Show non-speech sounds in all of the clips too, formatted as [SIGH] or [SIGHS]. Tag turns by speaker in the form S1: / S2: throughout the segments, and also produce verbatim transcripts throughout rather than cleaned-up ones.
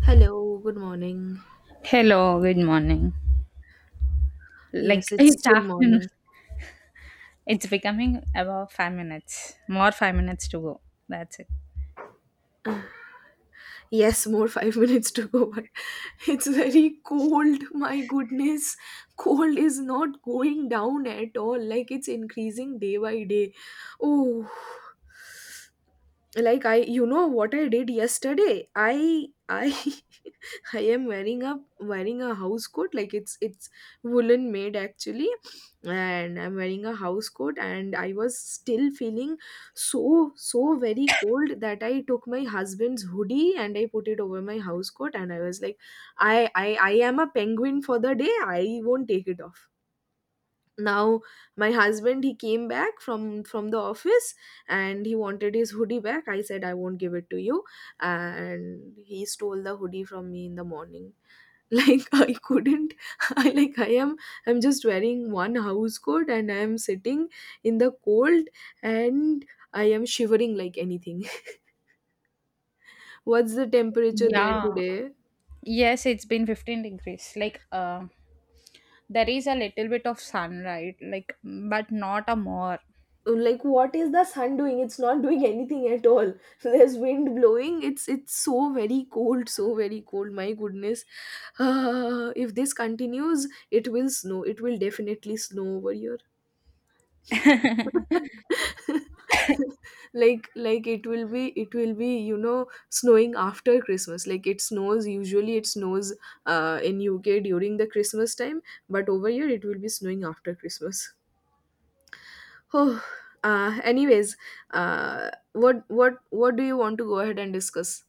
S1: Hello, good morning.
S2: Hello, good morning.
S1: Yes,
S2: Like [LAUGHS]
S1: it's
S2: it's
S1: still
S2: afternoon.
S1: morning.
S2: It's becoming about five minutes. More five minutes to go. That's it.
S1: Yes, more five [LAUGHS] minutes to go, but it's very cold. My goodness, cold is not going down at all. Like it's increasing day by day. Oh, like I, you know what I did yesterday? I, I [LAUGHS] I am wearing a wearing a house coat, like it's it's woolen made actually. And I'm wearing a house coat and I was still feeling so so very cold that I took my husband's hoodie and I put it over my house coat. And I was like, I I, I am a penguin for the day, I won't take it off now. My husband, he came back from from the office and he wanted his hoodie back. I said I won't give it to you, and he stole the hoodie from me in the morning. Like [LAUGHS] I couldn't. [LAUGHS] i like i am i'm just wearing one house coat and I am sitting in the cold. And I am shivering like anything. [LAUGHS] What's the temperature there
S2: Yeah.
S1: today?
S2: Yes, it's been fifteen degrees. Like uh, there is a little bit of sun, right? like but not a more.
S1: Uh, like, what is the sun doing? It's not doing anything at all. [LAUGHS] There's wind blowing, it's it's so very cold, so very cold, my goodness. [SIGHS] Uh, if this continues, it will snow it will definitely snow over here.
S2: [LAUGHS]
S1: [LAUGHS] like like it will be it will be you know snowing after Christmas. Like it snows Usually it snows uh, in U K during the Christmas time, but over here it will be snowing after Christmas. [SIGHS] Oh, uh, anyways, uh, what what what do you want to go ahead and discuss?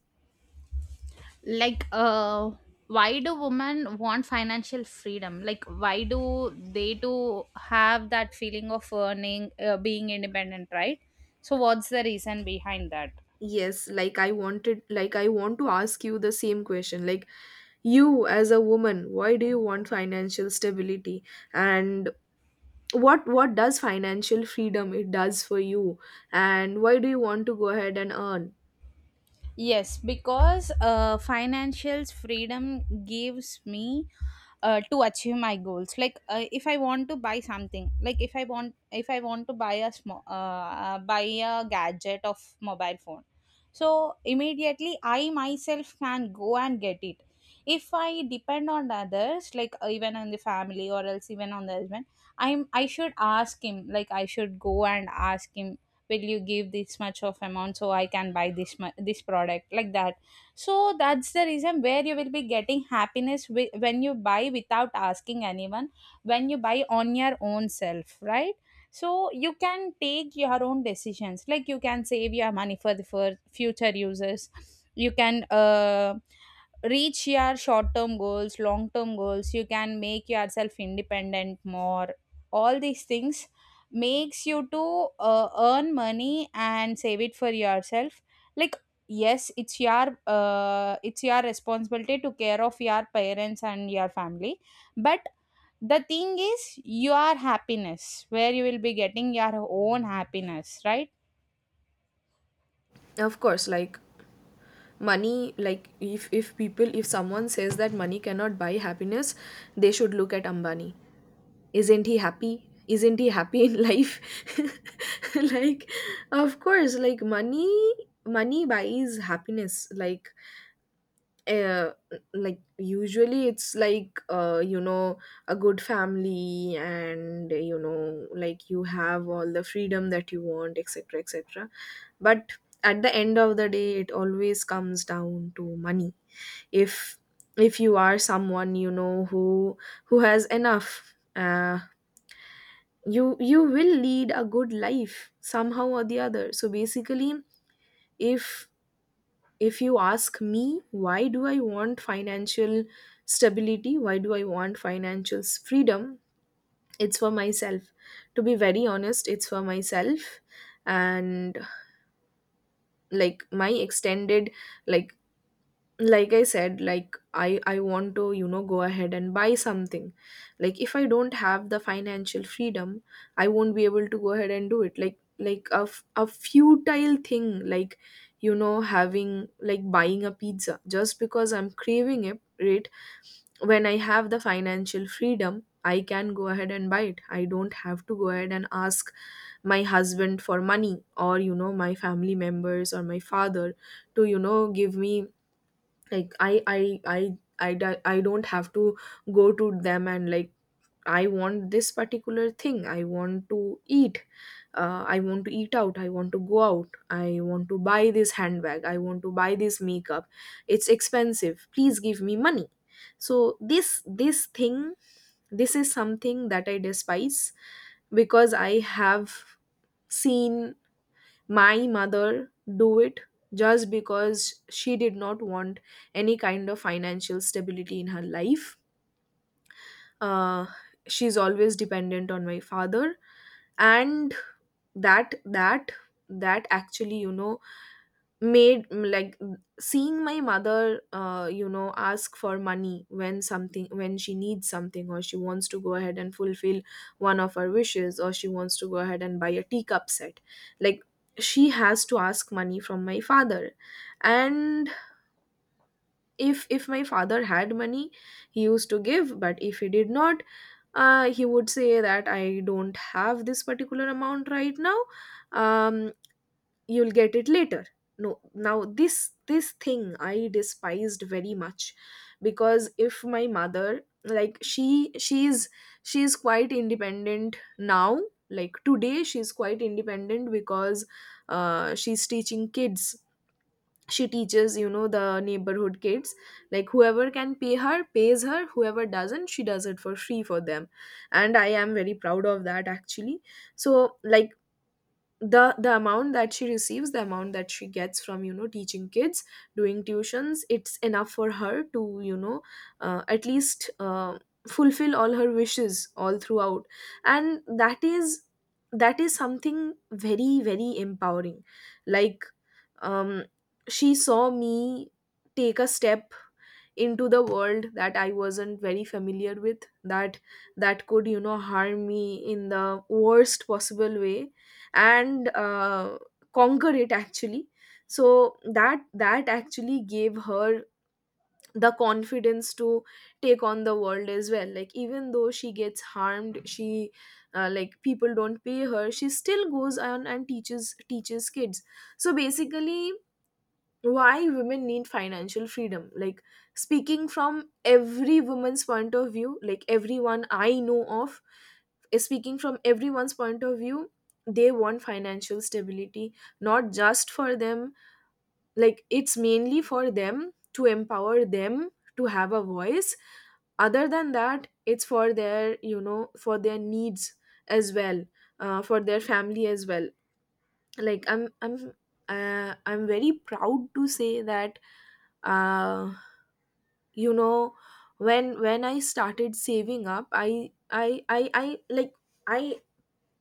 S2: like uh why do women want financial freedom, like why do they do have that feeling of earning, uh, being independent, right? So what's the reason behind that?
S1: Yes, like i wanted like I want to ask you the same question. Like, you as a woman, why do you want financial stability? And what what does financial freedom, it does for you? And why do you want to go ahead and earn?
S2: Yes, because uh, financial freedom gives me uh, to achieve my goals. Like uh, if I want to buy something, like if I want if i want to buy a small uh, uh, buy a gadget of mobile phone, so immediately I myself can go and get it. If I depend on others, like uh, even on the family or else even on the husband, i'm I should ask him, like I should go and ask him, will you give this much of amount so I can buy this mu- this product, like that. So that's the reason where you will be getting happiness wi- when you buy without asking anyone, when you buy on your own self, right? So you can take your own decisions, like you can save your money for the for future uses. You can uh, reach your short term goals, long term goals. You can make yourself independent more. All these things makes you to uh, earn money and save it for yourself. Like, yes, it's your uh, it's your responsibility to care of your parents and your family. But the thing is your happiness, where you will be getting your own happiness, right?
S1: Of course, like money, like if if people if someone says that money cannot buy happiness, they should look at Ambani. Isn't he happy? Isn't he happy in life? [LAUGHS] Like, of course, like money money buys happiness. Like, uh, like, usually it's like, uh, you know, a good family, and you know, like you have all the freedom that you want, etc, etc. But at the end of the day, it always comes down to money. If if you are someone, you know, who who has enough, uh, you you will lead a good life somehow or the other. So basically, if if you ask me, why do I want financial stability, why do I want financial s- freedom? It's for myself, to be very honest, it's for myself. And like my extended like like I said, like i i want to, you know, go ahead and buy something. Like, if I don't have the financial freedom, I won't be able to go ahead and do it, like, like a, f- a futile thing, like, you know, having like buying a pizza just because I'm craving it, right? When I have the financial freedom, I can go ahead and buy it, I don't have to go ahead and ask my husband for money, or you know, my family members or my father, to, you know, give me. Like, i i i i, do- I don't have to go to them and, like, I want this particular thing, I want to eat, uh, I want to eat out, I want to go out, I want to buy this handbag, I want to buy this makeup, it's expensive, please give me money. So this this thing, this is something that I despise, because I have seen my mother do it, just because she did not want any kind of financial stability in her life. uh, she's always dependent on my father. And that that that actually, you know, made, mm, like, seeing my mother, uh, you know, ask for money, when something when she needs something, or she wants to go ahead and fulfill one of her wishes, or she wants to go ahead and buy a teacup set. Like, she has to ask money from my father. And if if my father had money, he used to give, but if he did not, uh, he would say that, I don't have this particular amount right now, um, you'll get it later. No, now this this thing, I despised very much, because if my mother, like, she she's she's quite independent now. Like, today she's quite independent because, uh, she's teaching kids. She teaches, you know, the neighborhood kids. Like, whoever can pay her, pays her, whoever doesn't, she does it for free for them. And I am very proud of that, actually. So, like, the the amount that she receives the amount that she gets from, you know, teaching kids, doing tuitions. It's enough for her to, you know, uh, at least, uh, fulfill all her wishes all throughout. And that is that is something very, very empowering. Like, um, she saw me take a step into the world that I wasn't very familiar with, that that could, you know, harm me in the worst possible way, and uh, conquer it, actually. So that that actually gave her the confidence to take on the world as well. Like, even though she gets harmed, she, uh, like, people don't pay her, she still goes on and teaches teaches kids. So basically, why women need financial freedom? Like, speaking from every woman's point of view, like, everyone I know of, is speaking from everyone's point of view, they want financial stability, not just for them. Like, it's mainly for them, to empower them, to have a voice. Other than that, it's for their, you know, for their needs as well, uh, for their family as well. Like, i'm i'm uh, i'm very proud to say that, uh, you know, when when I started saving up, I I I, I like I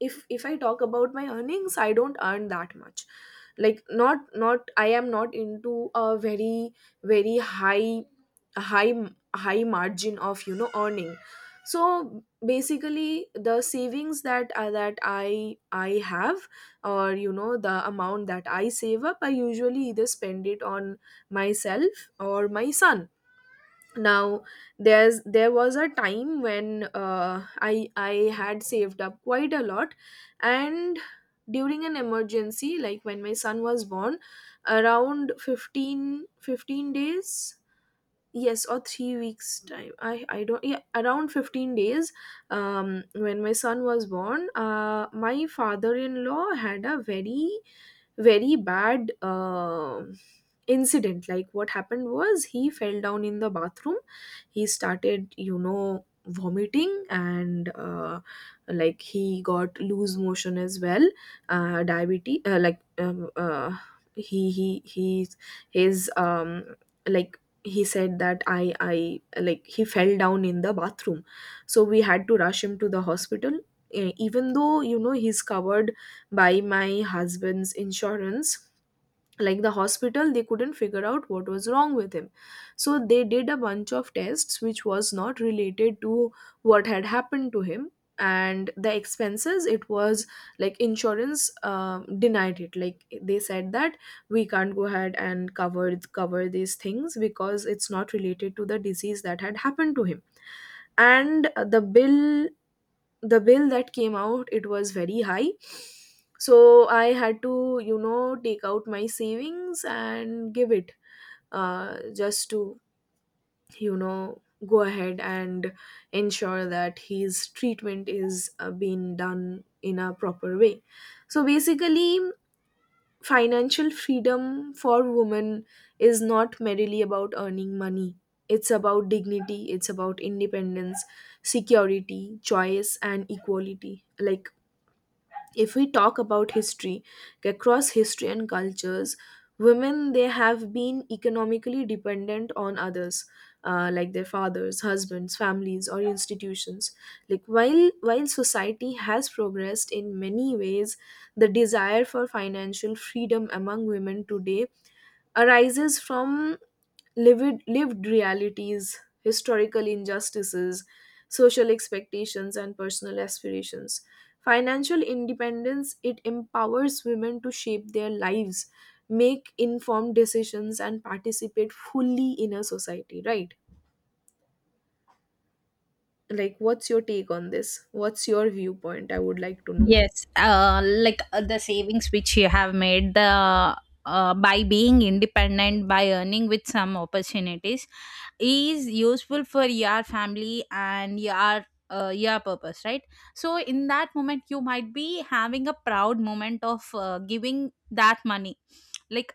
S1: if if I talk about my earnings, I don't earn that much. Like, not not I am not into a very, very high high high margin of, you know, earning. So basically, the savings that uh, that i i have, or you know, the amount that I save up, I usually either spend it on myself or my son. Now, there's there was a time when, uh, i i had saved up quite a lot. And during an emergency, like when my son was born, around fifteen fifteen days, yes, or three weeks time, i i don't, yeah, around fifteen days. um when my son was born, uh my father-in-law had a very, very bad, uh, incident. Like, what happened was, he fell down in the bathroom. He started, you know, vomiting, and uh, like, he got loose motion as well. uh, diabetes, uh, like, um, uh, he he he his um, like, he said that, I I like he fell down in the bathroom. So we had to rush him to the hospital. Eh, even though, you know, he's covered by my husband's insurance. Like, the hospital, they couldn't figure out what was wrong with him. So they did a bunch of tests which was not related to what had happened to him. And the expenses it was like, insurance, uh, denied it. Like, they said that, we can't go ahead and cover cover these things because it's not related to the disease that had happened to him. And uh, the bill, the bill that came out, it was very high. So I had to, you know, take out my savings and give it, uh, just to, you know, go ahead and ensure that his treatment is, uh, being done in a proper way. So basically, financial freedom for women is not merely about earning money, it's about dignity, it's about independence, security, choice, and equality. Like, if we talk about history, across history and cultures, women, they have been economically dependent on others, uh, like their fathers, husbands, families, or institutions. Like, while while society has progressed in many ways, the desire for financial freedom among women today arises from lived, lived realities, historical injustices, social expectations, and personal aspirations. Financial independence, it empowers women to shape their lives, make informed decisions, and participate fully in a society. Right? Like, what's your take on this? What's your viewpoint? I would like to know.
S2: Yes, uh, like uh, the savings which you have made, the uh, by being independent, by earning with some opportunities, is useful for your family and your uh, your purpose, right? So in that moment, you might be having a proud moment of uh, giving that money. Like,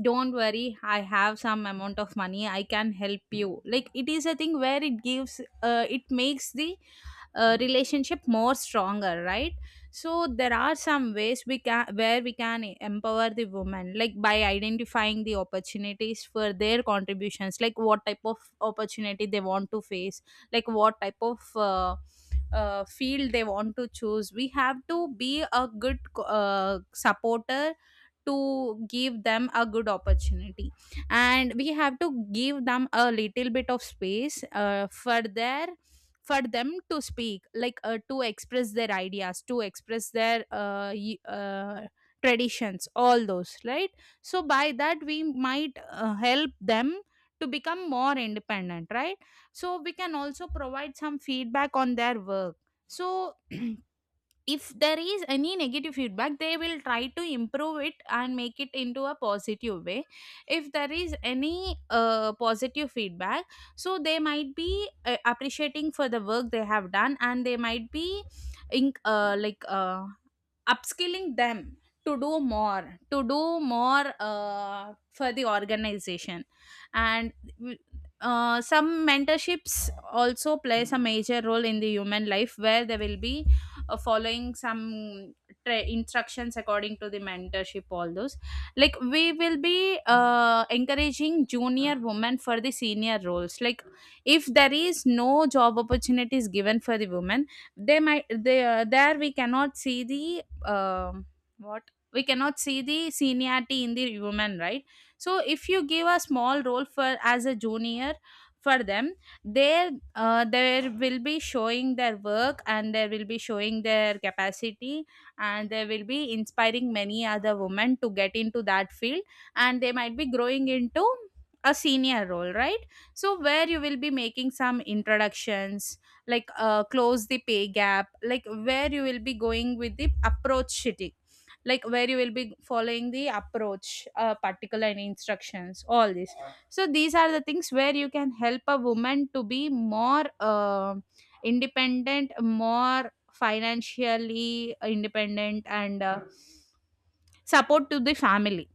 S2: don't worry, I have some amount of money. I can help you. Like, it is a thing where it gives, uh, it makes the uh, relationship more stronger, right? So there are some ways we can, where we can empower the women, like by identifying the opportunities for their contributions, like what type of opportunity they want to face, like what type of uh, uh, field they want to choose. We have to be a good uh, supporter to give them a good opportunity, and we have to give them a little bit of space uh, for their, for them to speak, like uh, to express their ideas, to express their uh, y- uh, traditions, all those, right? So by that we might uh, help them to become more independent, right? So we can also provide some feedback on their work. So [CLEARS THROAT] if there is any negative feedback, they will try to improve it and make it into a positive way. If there is any uh, positive feedback, so they might be uh, appreciating for the work they have done, and they might be in, uh, like uh, upskilling them to do more, to do more uh, for the organization. And uh, some mentorships also plays a major role in the human life, where they will be uh, following some tra- instructions according to the mentorship, all those. Like, we will be uh, encouraging junior women for the senior roles. Like if there is no job opportunities given for the women, they might they, uh, there we cannot see the um what we cannot see the seniority in the women, right? So if you give a small role for as a junior, for them, there uh, there will be showing their work and there will be showing their capacity, and they will be inspiring many other women to get into that field, and they might be growing into a senior role, right? So where you will be making some introductions, like uh, close the pay gap, like where you will be going with the approach city, like where you will be following the approach uh, particular and instructions, all this. So these are the things where you can help a woman to be more uh, independent, more financially independent, and uh, support to the family.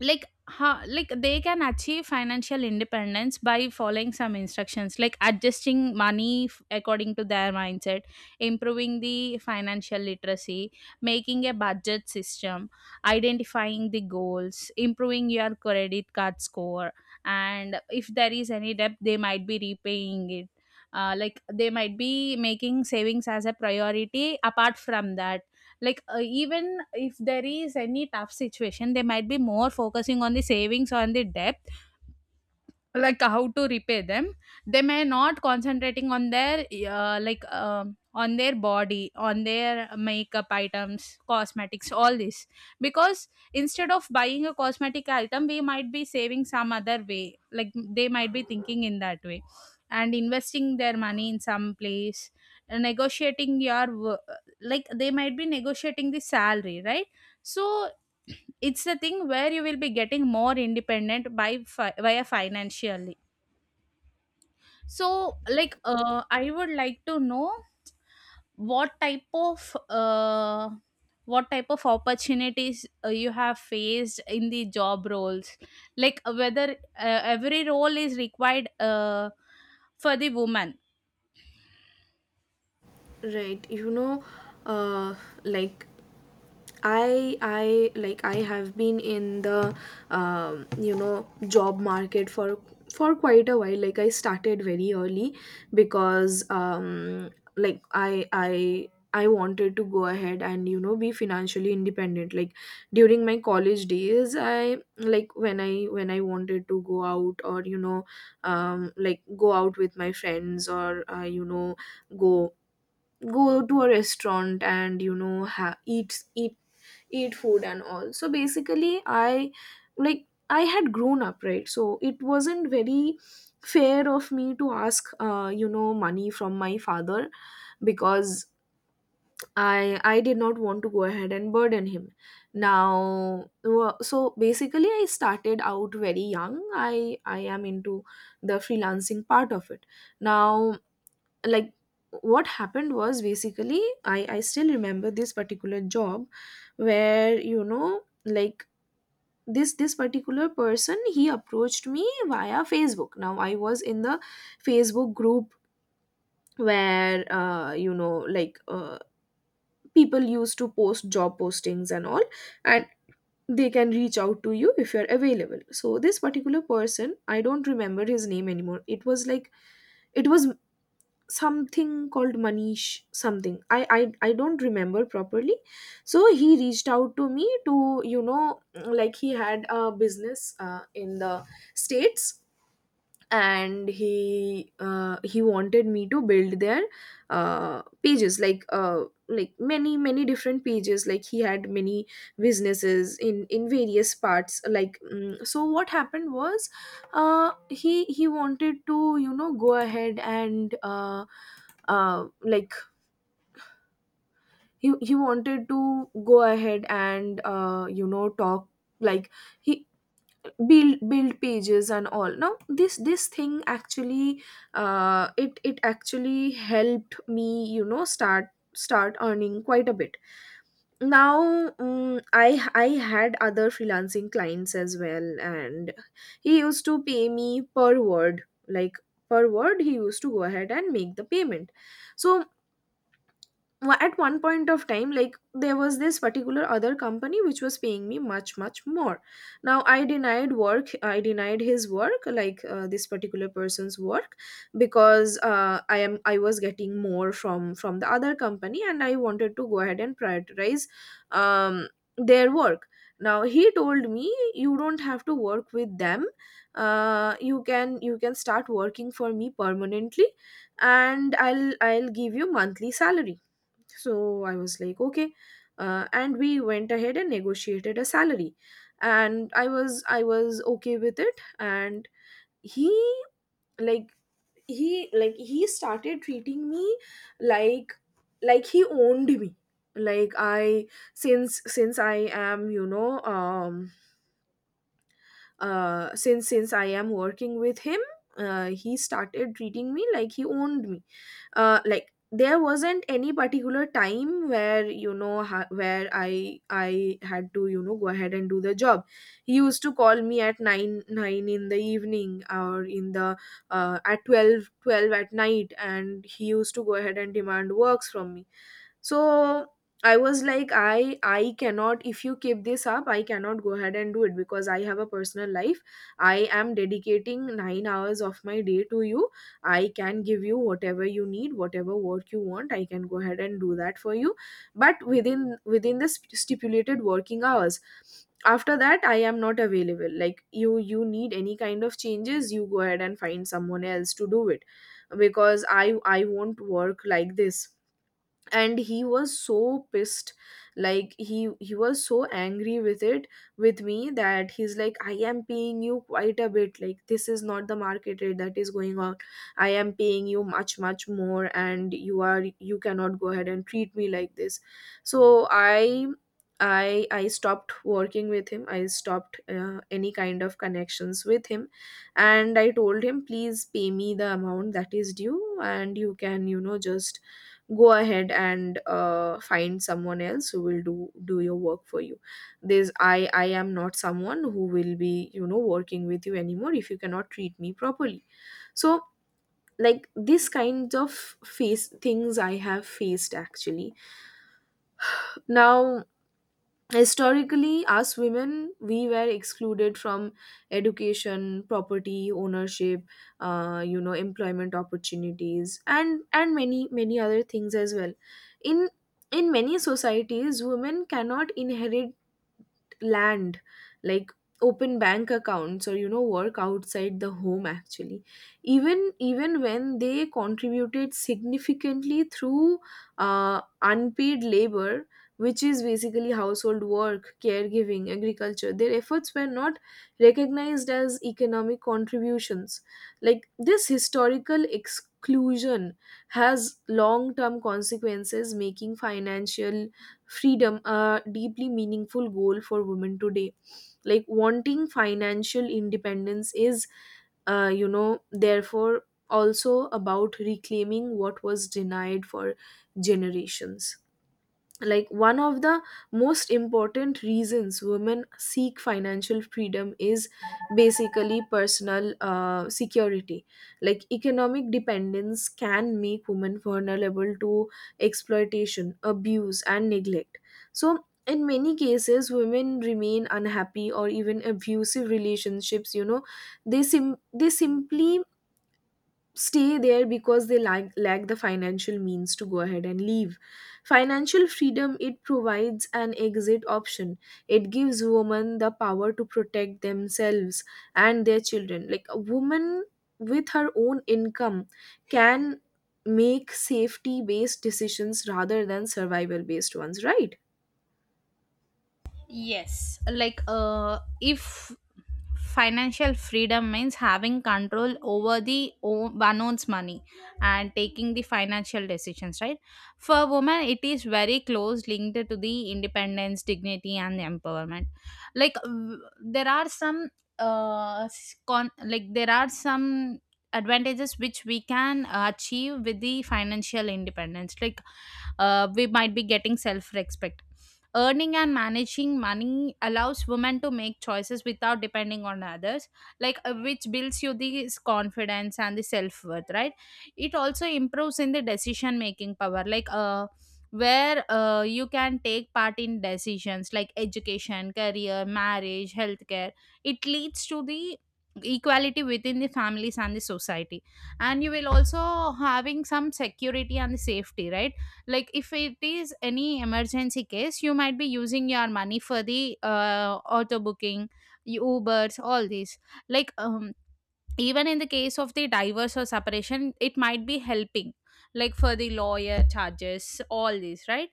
S2: Like huh, like they can achieve financial independence by following some instructions, like adjusting money f- according to their mindset, improving the financial literacy, making a budget system, identifying the goals, improving your credit card score, and if there is any debt they might be repaying it. Uh, like they might be making savings as a priority. Apart from that, like uh, even if there is any tough situation, they might be more focusing on the savings or on the debt, like how to repay them. They may not concentrating on their uh, like um on their body, on their makeup items, cosmetics, all this. Because instead of buying a cosmetic item, we might be saving some other way. Like they might be thinking in that way, and investing their money in some place, negotiating your wo- like they might be negotiating the salary, right? So it's the thing where you will be getting more independent by fi- via financially. So like uh, I would like to know what type of uh, what type of opportunities uh, you have faced in the job roles. Like uh, whether uh, every role is required uh, for the woman?
S1: Right, you know, uh, like, I I like I have been in the, um, you know, job market for for quite a while. Like, I started very early because, um, like, I I I wanted to go ahead and, you know, be financially independent. Like during my college days, I like when I when I wanted to go out or you know um, like go out with my friends or uh, you know go go to a restaurant and you know ha- eat eat eat food and all. So basically, i like i had grown up, right? So it wasn't very fair of me to ask uh, you know money from my father because i i did not want to go ahead and burden him now. Wa- so basically, I started out very young. I i am into the freelancing part of it now. Like what happened was, basically, i i still remember this particular job where you know like this this particular person, he approached me via Facebook. Now I was in the Facebook group where uh, you know like uh, people used to post job postings and all, and they can reach out to you if you're available. So this particular person, I don't remember his name anymore. It was like it was something called Manish something. I, I i don't remember properly. So he reached out to me to, you know, like he had a business uh, in the states, and he uh, he wanted me to build their uh, pages, like uh, like many many different pages. Like he had many businesses in in various parts like. Mm, so what happened was, uh, he he wanted to, you know, go ahead and uh, uh, like he he wanted to go ahead and uh, you know, talk, like he build build pages and all. Now this this thing actually uh, it it actually helped me, you know, start start earning quite a bit now. Mm i i had other freelancing clients as well, and he used to pay me per word. Like per word he used to go ahead and make the payment. So wa- at one point of time, like there was this particular other company which was paying me much much more. Now I denied work, I denied his work, like uh, this particular person's work, because uh, i am I was getting more from from the other company, and I wanted to go ahead and prioritize um, their work. Now he told me, you don't have to work with them. Uh, you can, you can start working for me permanently, and i'll i'll give you monthly salary. So I was like, okay. Uh, and we went ahead and negotiated a salary. And I was I was okay with it. And he like he like he started treating me like like he owned me. Like I, since since I am, you know, um uh since since I am working with him, uh, he started treating me like he owned me. uh, like there wasn't any particular time where, you know ha- where i i had to, you know, go ahead and do the job. He used to call me at nine nine in the evening or in the uh, at twelve twelve at night, and he used to go ahead and demand works from me. So I was like, i I cannot. If you keep this up, I cannot go ahead and do it because I have a personal life. I am dedicating nine hours of my day to you. I can give you whatever you need, whatever work you want. I can go ahead and do that for you, but within within the st- stipulated working hours. After that, I am not available. Like you you need any kind of changes, you go ahead and find someone else to do it, because i I won't work like this. And he was so pissed. Like he he was so angry with it, with me, that he's like, I am paying you quite a bit. Like this is not the market rate that is going on. I am paying you much much more, and you are you cannot go ahead and treat me like this. So i i I stopped working with him. I stopped uh, any kind of connections with him, and I told him, please pay me the amount that is due, and you can, you know, just go ahead and uh, find someone else who will do do your work for you. This i I am not someone who will be, you know, working with you anymore if you cannot treat me properly. So like this kind of face things I have faced actually. Now historically, us women, we were excluded from education, property ownership, uh, you know employment opportunities, and and many many other things as well. in in many societies, women cannot inherit land, like open bank accounts, or you know, work outside the home actually. Even even when they contributed significantly through uh, unpaid labor, which is basically household work, caregiving, agriculture, their efforts were not recognized as economic contributions. Like this historical exclusion has long term consequences, making financial freedom a deeply meaningful goal for women today. Like wanting financial independence is, uh, you know therefore, also about reclaiming what was denied for generations. Like one of the most important reasons women seek financial freedom is basically personal uh, security. Like economic dependence can make women vulnerable to exploitation, abuse, and neglect. So in many cases, women remain unhappy or even abusive relationships. You know, they sim- they simply stay there because they lack, lack the financial means to go ahead and leave. Financial freedom, it provides an exit option. It gives women the power to protect themselves and their children. Like a woman with her own income can make safety based decisions rather than survival based ones, right?
S2: Yes, like uh, if financial freedom means having control over the o- one owns money and taking the financial decisions, right? For women, it is very close linked to the independence, dignity, and empowerment. Like w- there are some uh, s- con- like there are some advantages which we can achieve with the financial independence, like uh, we might be getting self respect. Earning and managing money allows women to make choices without depending on others, like uh, which builds you the confidence and the self worth, right? It also improves in the decision making power, like uh, where uh, you can take part in decisions like education, career, marriage, healthcare. It leads to the equality within the families and the society, and you will also having some security and the safety, right? Like if it is any emergency case, you might be using your money for the uh, auto booking, ubers, all these. like um, Even in the case of the divorce or separation, it might be helping, like for the lawyer charges, all these, right?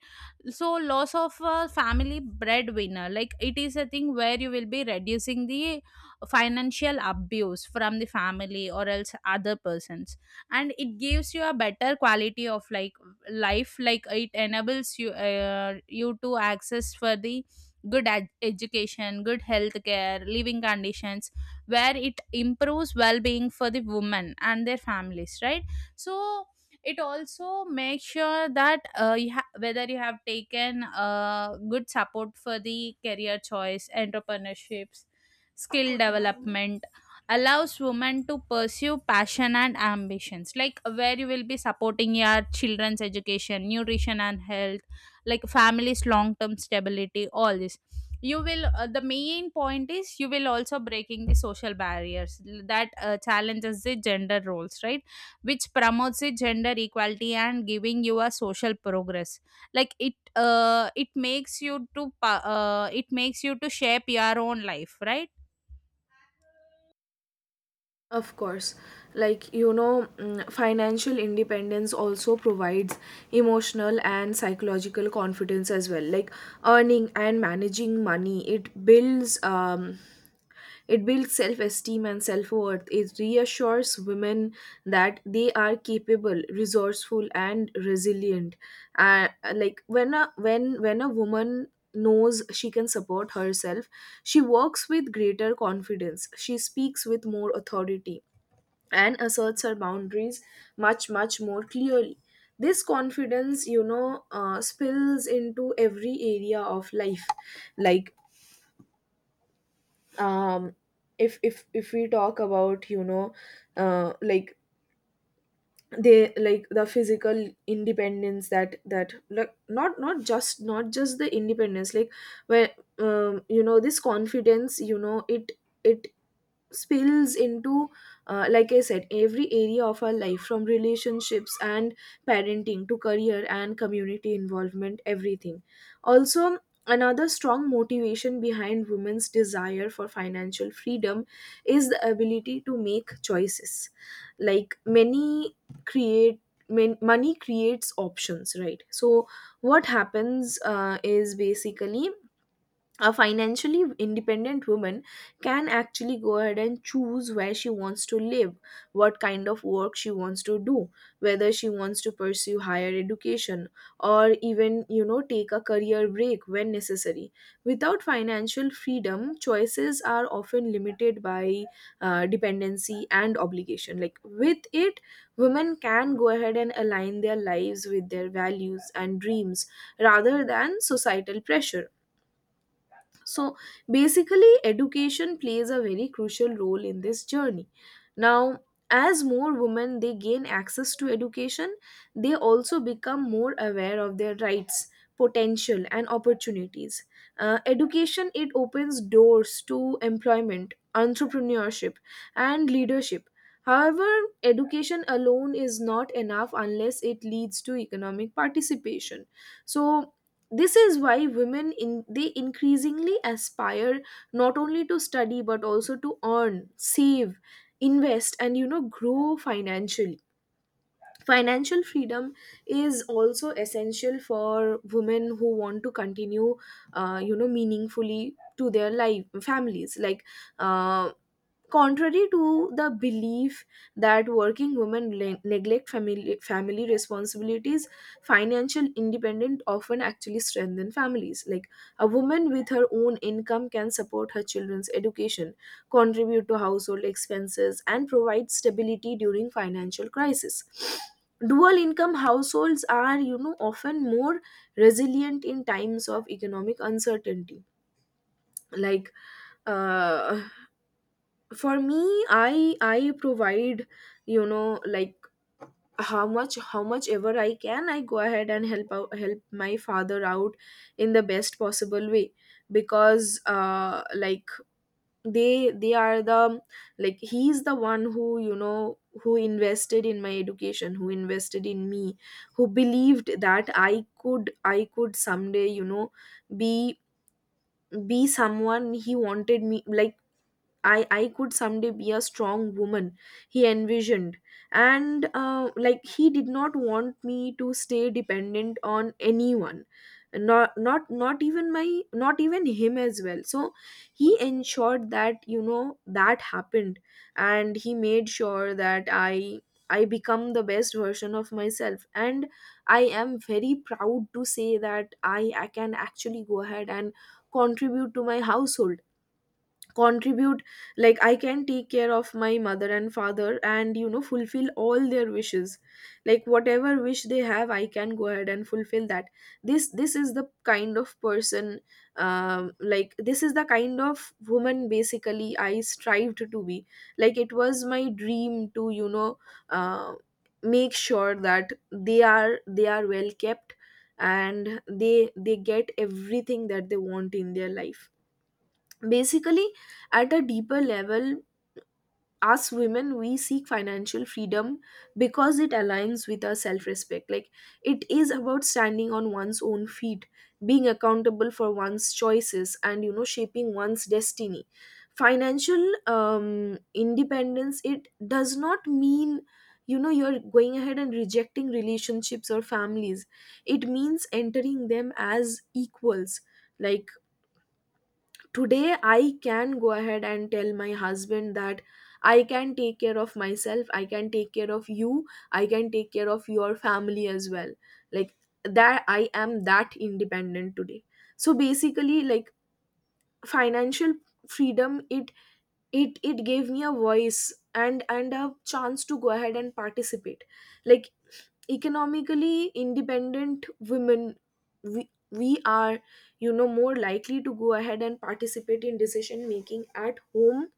S2: So loss of a family breadwinner, like it is a thing where you will be reducing the financial abuse from the family or else other persons. And it gives you a better quality of like life, like it enables you uh, you to access for the good ed- education, good health care, living conditions, where it improves well-being for the women and their families, right? So it also makes sure that uh, you ha- whether you have taken uh, good support for the career choice, entrepreneurships, skill development, allows women to pursue passion and ambitions, like where you will be supporting your children's education, nutrition and health, like families long term stability, all this. You will, uh, the main point is, you will also breaking the social barriers that uh, challenges the gender roles, right? Which promotes the gender equality and giving you a social progress. Like it uh, it makes you to pa- uh, it makes you to shape your own life, right?
S1: Of course, like you know, mm, financial independence also provides emotional and psychological confidence as well. Like earning and managing money, it builds um, it builds self esteem and self worth. It reassures women that they are capable, resourceful, and resilient. Uh, like when a when when a woman knows she can support herself, she works with greater confidence. She speaks with more authority and asserts her boundaries much much more clearly. This confidence, you know uh, spills into every area of life. like um if if if we talk about, you know, uh, like they like the physical independence, that that like not not just not just the independence, like where, um, you know, this confidence, you know, it it spills into, uh, like I said, every area of our life, from relationships and parenting to career and community involvement, everything. Also, another strong motivation behind women's desire for financial freedom is the ability to make choices. Like many create Men, money creates options, right? So what happens, uh, is basically, a financially independent woman can actually go ahead and choose where she wants to live, what kind of work she wants to do, whether she wants to pursue higher education, or even, you know, take a career break when necessary. Without financial freedom, choices are often limited by uh, dependency and obligation. Like with it, women can go ahead and align their lives with their values and dreams rather than societal pressure. So basically, education plays a very crucial role in this journey. Now, as more women, they gain access to education, they also become more aware of their rights, potential, and opportunities. Uh, education, it opens doors to employment, entrepreneurship, and leadership. However, education alone is not enough unless it leads to economic participation. So, this is why women in, they increasingly aspire not only to study, but also to earn, save, invest, and you know, grow financially. Financial freedom is also essential for women who want to continue, uh, you know meaningfully to their life families. Like uh, contrary to the belief that working women le- neglect family, family responsibilities, financial independence often actually strengthen families. Like a woman with her own income can support her children's education, contribute to household expenses, and provide stability during financial crisis. Dual income households are, you know, often more resilient in times of economic uncertainty. Like uh for me, i i provide, you know, like how much, how much ever I can, I go ahead and help out, help my father out in the best possible way, because uh like they they are the, like he's the one who, you know, who invested in my education, who invested in me, who believed that I could, I could someday, you know, be be someone he wanted me like. I, I could someday be a strong woman he envisioned. And uh, like he did not want me to stay dependent on anyone, not not not even my, not even him as well. So he ensured that, you know, that happened, and he made sure that I I become the best version of myself. And I am very proud to say that I I can actually go ahead and contribute to my household contribute like I can take care of my mother and father and, you know, fulfill all their wishes. Like whatever wish they have, I can go ahead and fulfill that. This this is the kind of person, um like this is the kind of woman, basically, I strived to be. Like it was my dream to, you know, uh, make sure that they are they are well kept, and they they get everything that they want in their life basically. At a deeper level, us women, we seek financial freedom because it aligns with our self-respect. Like it is about standing on one's own feet, being accountable for one's choices, and you know, shaping one's destiny. Financial um, independence, it does not mean, you know, you're going ahead and rejecting relationships or families. It means entering them as equals. Like today, I can go ahead and tell my husband that I can take care of myself, I can take care of you, I can take care of your family as well. Like that, I am that independent today. So basically, like financial freedom, it it it gave me a voice and and a chance to go ahead and participate. Like economically independent women, we, we are, you know, more likely to go ahead and participate in decision making at home,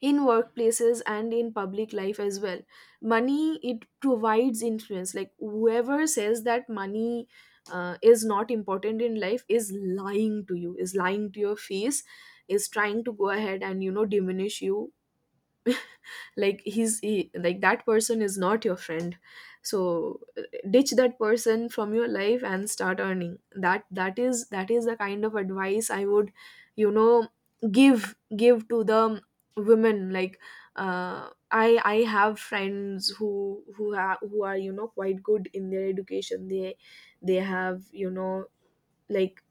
S1: in workplaces, and in public life as well. Money, it provides influence. Like whoever says that money, uh, is not important in life, is lying to you, is lying to your face, is trying to go ahead and, you know, diminish you. Like he's he, like That person is not your friend. So uh, ditch that person from your life and start earning. That that is, that is the kind of advice I would, you know, give give to the women. Like uh, i i have friends who who are who are, you know, quite good in their education. they they have, you know, like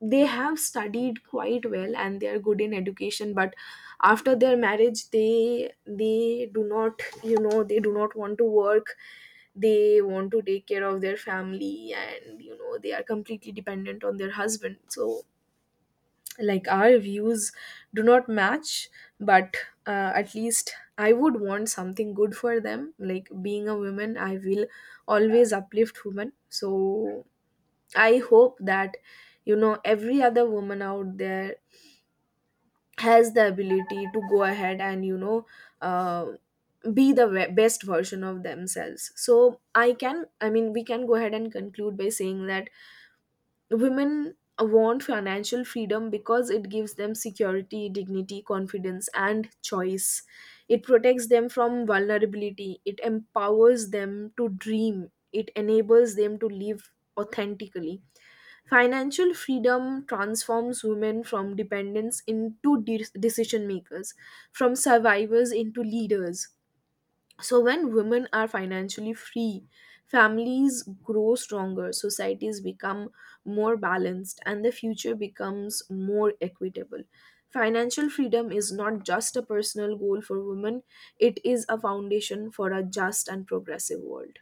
S1: they have studied quite well and they are good in education, but after their marriage, they they do not, you know, they do not want to work. They want to take care of their family, and you know, they are completely dependent on their husband. So like our views do not match. But uh, at least I would want something good for them. Like being a woman, I will always uplift women. So I hope that, you know, every other woman out there has the ability to go ahead and, you know, uh, be the ve- best version of themselves. So I can, I mean, we can go ahead and conclude by saying that women want financial freedom because it gives them security, dignity, confidence, and choice. It protects them from vulnerability. It empowers them to dream. It enables them to live authentically. Financial freedom transforms women from dependents into de- decision makers, from survivors into leaders. So, when women are financially free, families grow stronger, societies become more balanced, and the future becomes more equitable. Financial freedom is not just a personal goal for women, it is a foundation for a just and progressive world.